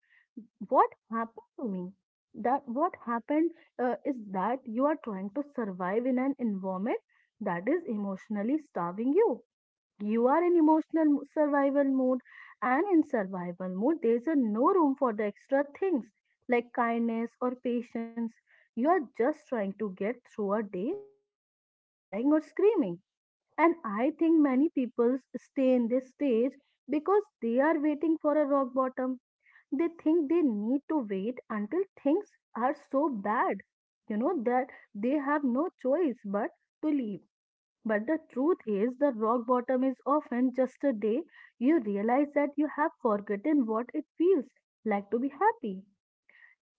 What happened to me? That what happened uh, is that you are trying to survive in an environment that is emotionally starving you. You are in emotional mo- survival mode. And in survival mode there's a no room for the extra things like kindness or patience. You are just trying to get through a day without crying or screaming. And i think many people s- stay in this stage because they are waiting for a rock bottom. They think they need to wait until things are so bad, you know that they have no choice but to leave. But the truth is, the rock bottom is often just a day you realize that you have forgotten what it feels like to be happy.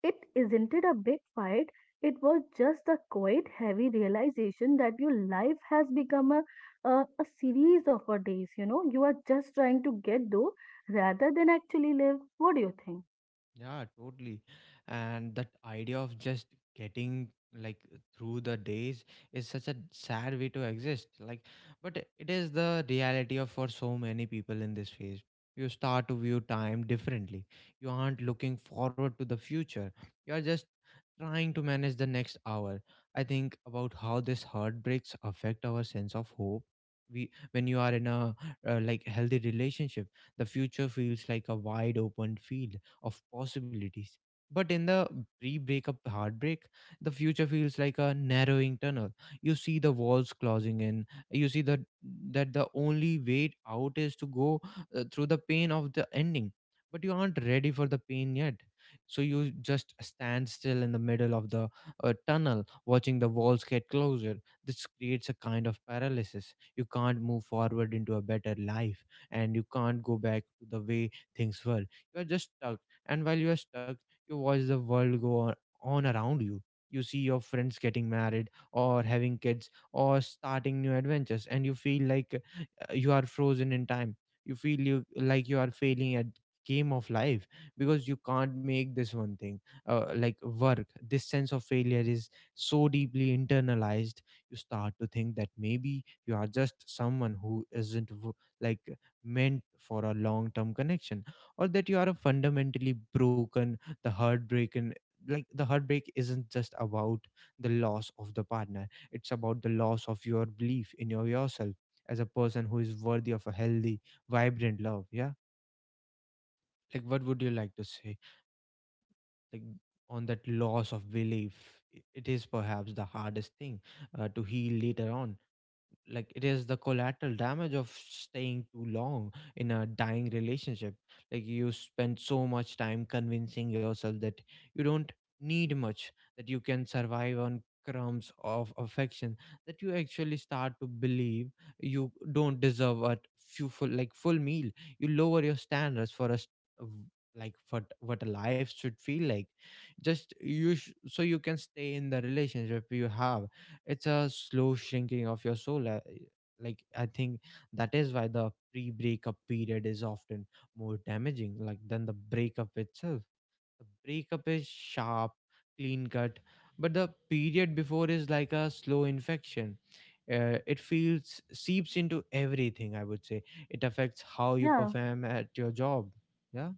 It isn't it a big fight, it was just the quiet, heavy realization that your life has become a, a, a series of a days. You know, you are just trying to get though rather than actually live. What do you think?
Yeah, totally. And that idea of just getting, like, through the days is such a sad way to exist. Like, but it is the reality of for so many people in this phase. You start to view time differently. You aren't looking forward to the future. You're just trying to manage the next hour. I think about how this heartbreaks affect our sense of hope. We, when you are in a uh, like healthy relationship, the future feels like a wide open field of possibilities. But in the pre breakup heartbreak, the future feels like a narrowing tunnel. You see the walls closing in. You see that that the only way out is to go uh, through the pain of the ending. But you aren't ready for the pain yet. So you just stand still in the middle of the uh, tunnel, watching the walls get closer. This creates a kind of paralysis. You can't move forward into a better life, and you can't go back to the way things were. You are just stuck, and while you are stuck, you watch the world go on on around you. You see your friends getting married, or having kids, or starting new adventures, and you feel like you are frozen in time. You feel you like you are failing at game of life, because you can't make this one thing uh, like work. This sense of failure is so deeply internalized. You start to think that maybe you are just someone who isn't w- like meant for a long term connection, or that you are a fundamentally broken the heartbroken. Like, the heartbreak isn't just about the loss of the partner, it's about the loss of your belief in your yourself as a person who is worthy of a healthy, vibrant love. Yeah. Like, what would you like to say? Like, on that loss of belief, i- it is perhaps the hardest thing uh, to heal later on. Like, it is the collateral damage of staying too long in a dying relationship. Like, you spend so much time convincing yourself that you don't need much, that you can survive on crumbs of affection, that you actually start to believe you don't deserve a few full like full meal. You lower your standards for us, like what what a life should feel like, just you sh- so you can stay in the relationship you have. It's a slow shrinking of your soul. uh, Like, I think that is why the pre breakup period is often more damaging like than the breakup itself. The breakup is sharp, clean cut, but the period before is like a slow infection. Uh, it feels seeps into everything, I would say. It affects how you
Yeah,
perform at your job. Yeah,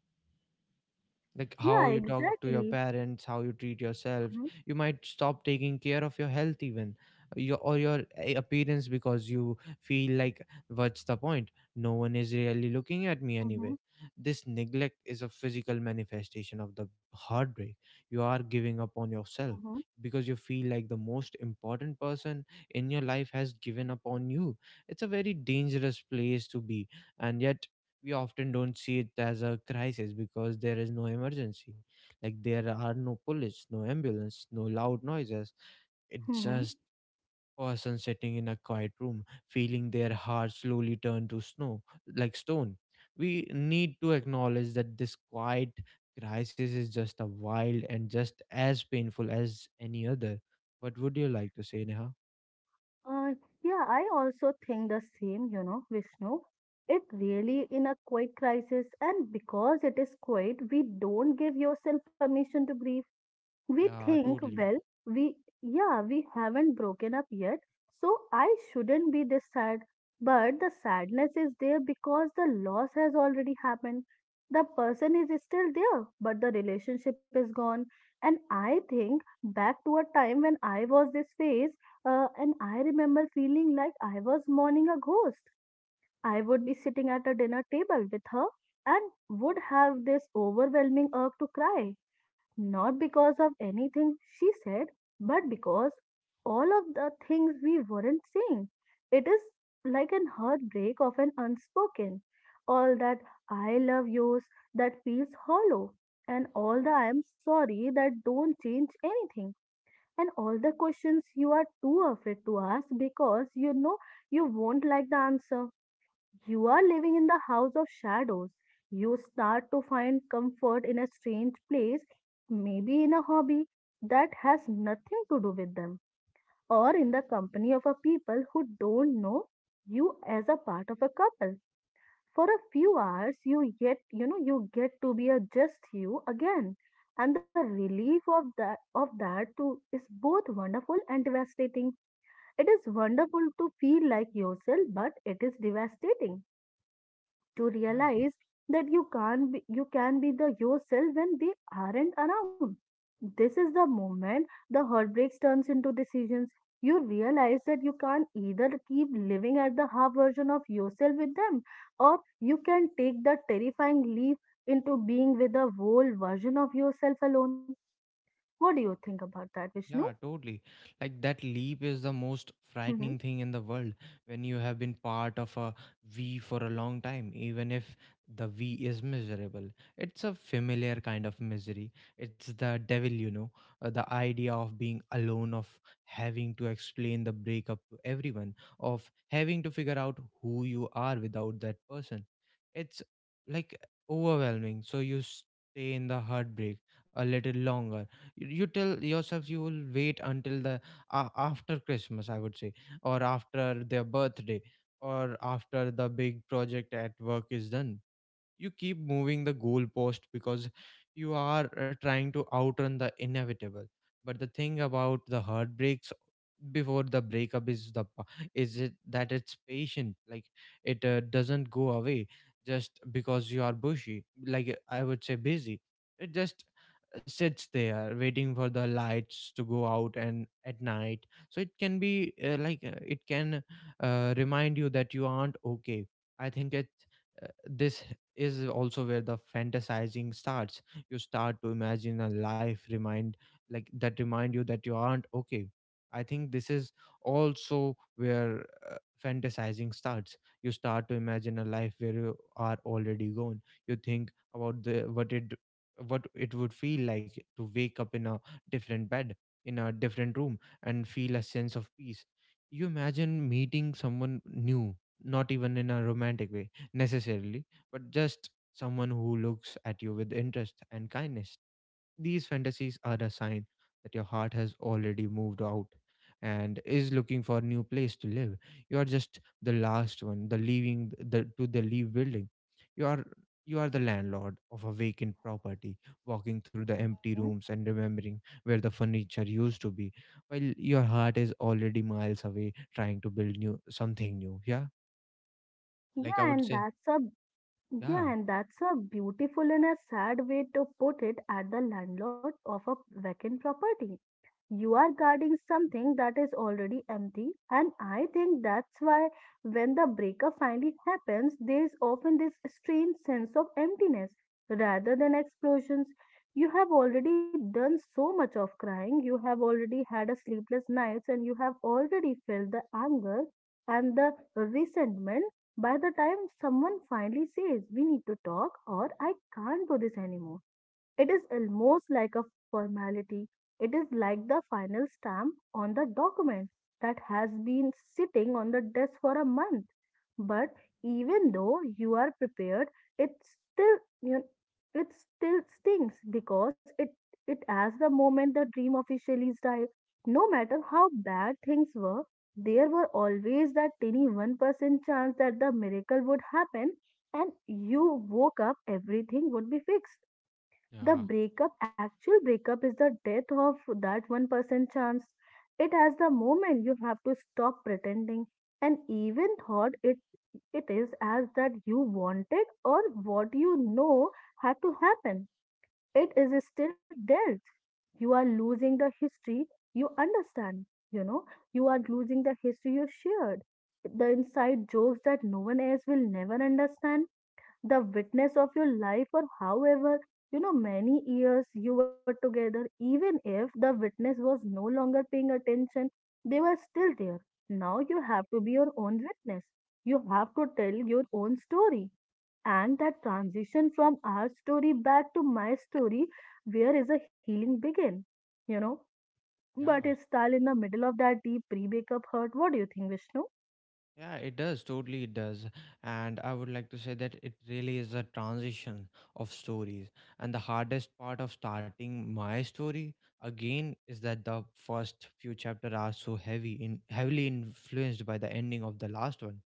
like how
yeah,
you talk to your
exactly.
parents, how you treat yourself.
Hmm.
You might stop taking care of your health, even uh, your or your a- appearance, because you feel like, what's the point, no one is really looking at me anyway.
Hmm.
This neglect is a physical manifestation of the heartbreak. You are giving up on yourself,
Hmm.
because you feel like the most important person in your life has given up on you. It's a very dangerous place to be. And yet, we often don't see it as a crisis because there is no emergency. Like, there are no police, no ambulance, no loud noises. It's
Hmm.
just person sitting in a quiet room, feeling their heart slowly turn to snow, like stone. We need to acknowledge that this quiet crisis is just a wild and just as painful as any other. What would you like to say, Neha?
Uh, yeah, I also think the same, you know, Vishnu. It really in a quiet crisis, and because it is quiet, we don't give yourself permission to grieve. We
Yeah,
think,
totally.
well, we, yeah, we haven't broken up yet, so I shouldn't be this sad. But the sadness is there because the loss has already happened. The person is still there, but the relationship is gone. And I think back to a time when I was this phase, uh, and I remember feeling like I was mourning a ghost. I would be sitting at a dinner table with her and would have this overwhelming urge to cry, not because of anything she said, but because all of the things we weren't saying. It is like an heartbreak of an unspoken. All that I love yous that feels hollow, and all the I am sorry that don't change anything, and all the questions you are too afraid to ask because you know you won't like the answer. You are living in the house of shadows. You start to find comfort in a strange place, maybe in a hobby that has nothing to do with them, or in the company of a people who don't know you as a part of a couple. For a few hours, you get you know you get to be a just you again, and the relief of that of that too is both wonderful and devastating. It is wonderful to feel like yourself, but it is devastating to
Yeah.
realize that you can be, you can be the yourself when they aren't around. This is the moment the heartbreaks turns into decisions. You realize that you can't either keep living at the half version of yourself with them, or you can take the terrifying leap into being with the whole version of yourself alone. What do you think about that, Vishnu?
Yeah, totally. Like that leap is the most
Hmm.
frightening thing in the world when you have been part of a V for a long time, even if the V is miserable. It's a familiar kind of misery. It's the devil, you know, uh, the idea of being alone, of having to explain the breakup to everyone, of having to figure out who you are without that person. It's like overwhelming. So you stay in the heartbreak a little longer. You you tell yourself you will wait until the uh, after Christmas, I would say, or after their birthday, or after the big project at work is done. You keep moving the goalpost because you are uh, trying to outrun the inevitable. But the thing about the heartbreaks before the breakup is the pa- is it that it's patient, like it uh, doesn't go away just because you are bushy, like uh, I would say busy. It just sits there waiting for the lights to go out and at night, so it can be uh, like uh, it can uh, remind you that you aren't okay. I think it uh, this is also where the fantasizing starts. You start to imagine a life remind like that remind you that you aren't okay. I think this is also where uh, fantasizing starts. You start to imagine a life where you are already gone. You think about the what it what it would feel like to wake up in a different bed, in a different room, and feel a sense of peace. You imagine meeting someone new, not even in a romantic way necessarily, but just someone who looks at you with interest and kindness. These fantasies are a sign that your heart has already moved out and is looking for a new place to live. You are just the last one, the leaving the to the leave building. You are you are the landlord of a vacant property, walking through the empty
Mhm.
rooms and remembering where the furniture used to be, while your heart is already miles away trying to build new something new. Yeah, like I
Yeah,
would
and
say,
that's a
yeah.
Yeah, and that's a beautiful and a sad way to put it at the landlord of a vacant property. You are guarding something that is already empty, and I think that's why when the breakup finally happens, there is often this strange sense of emptiness rather than explosions. You have already done so much of crying, you have already had a sleepless nights, and you have already felt the anger and the resentment. By the time someone finally says, We need to talk, or I can't do this anymore, it is almost like a formality. It is like the final stamp on the document that has been sitting on the desk for a month. But even though you are prepared, it still you know, it still stings because it it as the moment the dream officially died. No matter how bad things were, there were always that tiny one percent chance that the miracle would happen and you woke up everything would be fixed. The
Yeah,
breakup actual breakup is the death of that one percent chance. It has the moment you have to stop pretending. And even thought it it is as that you wanted or what you know had to happen, it is still dealt. You are losing the history you understand you know you are losing the history you shared. The inside jokes that no one else will never understand. The witness of your life, or however you know many years you were together, even if the witness was no longer paying attention. They were still there. Now you have to be your own witness. You have to tell your own story. And that transition from our story back to my story where is a healing begin. You know but
yeah.
it's still in the middle of that deep pre-breakup hurt. What do you think, Vishnu?
Yeah, it does. Totally, it does. And I would like to say that it really is a transition of stories. And the hardest part of starting my story again is that the first few chapters are so heavy in heavily influenced by the ending of the last one.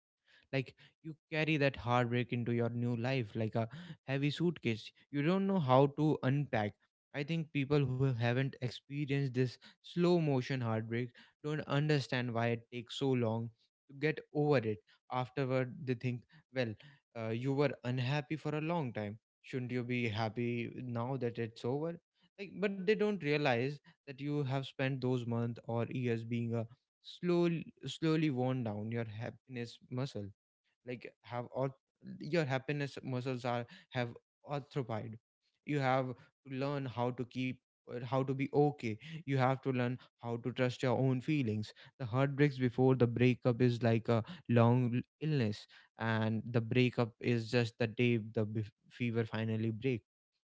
Like, you carry that heartbreak into your new life like a heavy suitcase you don't know how to unpack. I think people who haven't experienced this slow motion heartbreak don't understand why it takes so long to get over it afterward. They think, well, uh, you were unhappy for a long time, shouldn't you be happy now that it's over? Like, but they don't realize that you have spent those months or years being a slowly slowly worn down your happiness muscle. Like, have or your happiness muscles are have arthropide. You have to learn how to keep uh, how to be okay. You have to learn how to trust your own feelings. The heartbreaks before the breakup is like a long l- illness, and the breakup is just the day the bef- fever finally break.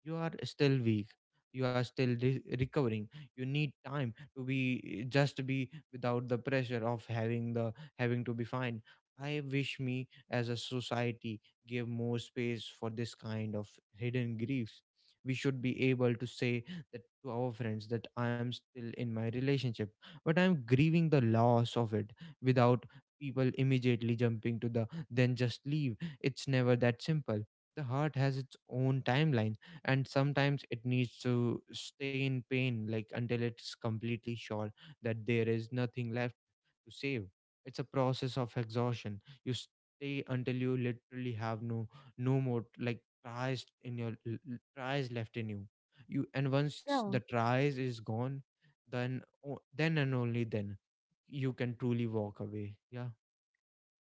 You are still weak, you are still re- recovering. You need time to be just be without the pressure of having the having to be fine. I wish me as a society give more space for this kind of hidden griefs. We should be able to say that to our friends, that I am still in my relationship but I am grieving the loss of it, without people immediately jumping to the "then just leave." It's never that simple. The heart has its own timeline, and sometimes it needs to stay in pain, like, until it's completely sure that there is nothing left to save. It's a process of exhaustion. You stay until you literally have no no more like tries in your l- l- tries left in you. You and once the
Yeah.
tries is gone, then o- then and only then you can truly walk away. Yeah.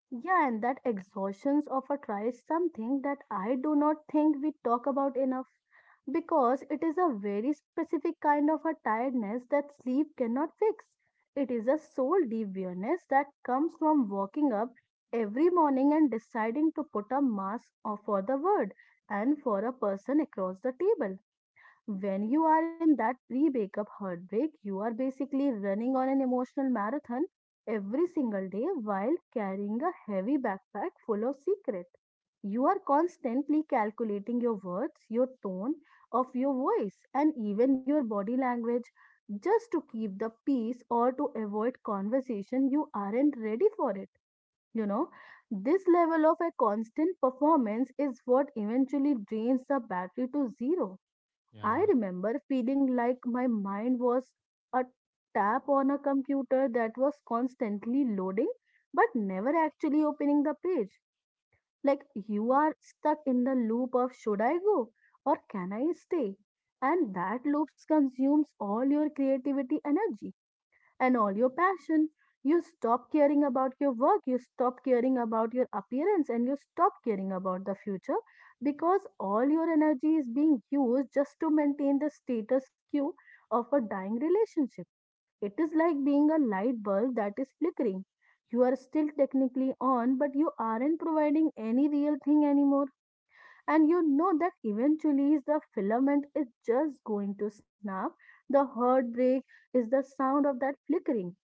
Yeah, and that exhaustions of a try is something that I do not think we talk about enough because it is a very specific kind of a tiredness that sleep cannot fix. It is a soul deep weariness that comes from waking up every morning and deciding to put a mask on for the world and for a person across the table. When you are in that pre breakup heartbreak, you are basically running on an emotional marathon every single day while carrying a heavy backpack full of secret. You are constantly calculating your words, your tone of your voice, and even your body language just to keep the peace or to avoid conversation you aren't ready for it. You know, this level of a constant performance is what eventually drains the battery to zero. I
Yeah,
remember feeling like my mind was a tap on a computer that was constantly loading but never actually opening the page. Like you are stuck in the loop of should I go or can I stay? And that loop consumes all your creativity energy and all your passion. You stop caring about your work, you stop caring about your appearance, and you stop caring about the future because all your energy is being used just to maintain the status quo of a dying relationship. It is like being a light bulb that is flickering. You are still technically on, but you aren't providing any real thing anymore. And you know that eventually the filament is just going to snap. The heartbreak is the sound of that flickering,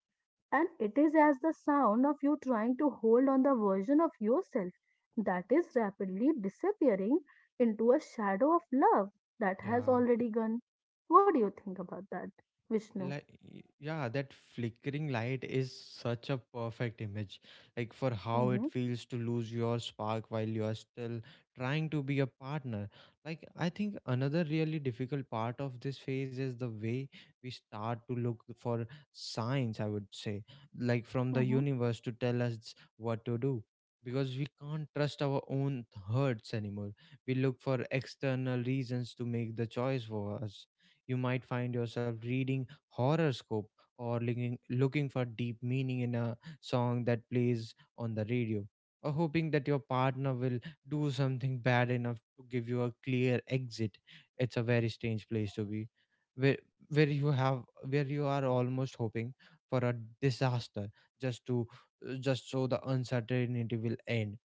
and it is as the sound of you trying to hold on the version of yourself that is rapidly disappearing into a shadow of love that has
yeah.
already gone. What do you think about that, Vishnu?
Like, y- yeah, that flickering light is such a perfect image, like, for how it
Mm-hmm,
feels to lose your spark while you are still trying to be a partner. Like, I think another really difficult part of this phase is the way we start to look for signs, I would say, like, from the
mm-hmm.
universe to tell us what to do, because we can't trust our own hurts anymore. We look horoscope, or looking, looking for deep meaning in a song that plays on the radio, or hoping that your partner will do something bad enough to give you a clear exit. It's a very strange place to be, where where you have, where you are almost hoping for a disaster, just to, just so the uncertainty will end.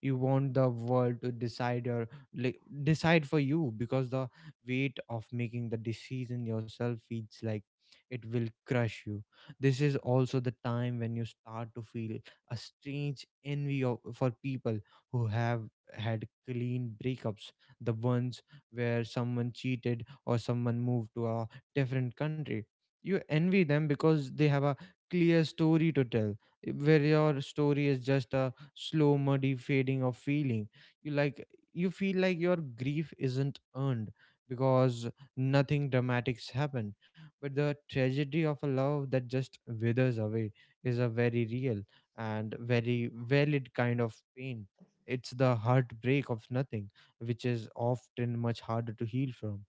You want the world to decide your, like, decide for you, because the weight of making the decision yourself feels like it will crush you. This is also the time when you start to feel a strange envy of, for people who have had clean breakups, the ones where someone cheated or someone moved to a different country. You envy them because they have a clear story to tell, where your story is just a slow, muddy fading of feeling. You like you feel like your grief isn't earned because nothing dramatic's happened. But the tragedy of a love that just withers away is a very real and very valid kind of pain. It's the heartbreak of nothing, which is often much harder to heal from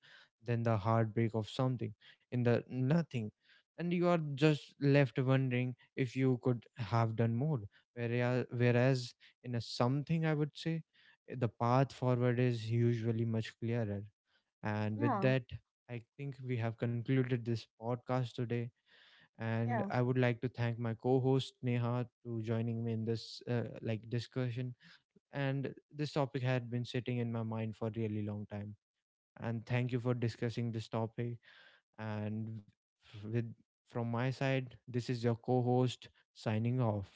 than the heartbreak of something. In the nothing, and you are just left wondering if you could have done more. Whereas, Whereas in a something, I would say, eh, the path forward is usually much clearer. And with
Yeah,
that, I think we have concluded this podcast today. And
yeah.
I would like to thank my co-host Neha to joining me in this uh, like discussion. And this topic had been sitting in my mind for a really long time. And thank you for discussing this topic. And, with from my side, this is your co-host signing off.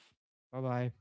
Bye bye.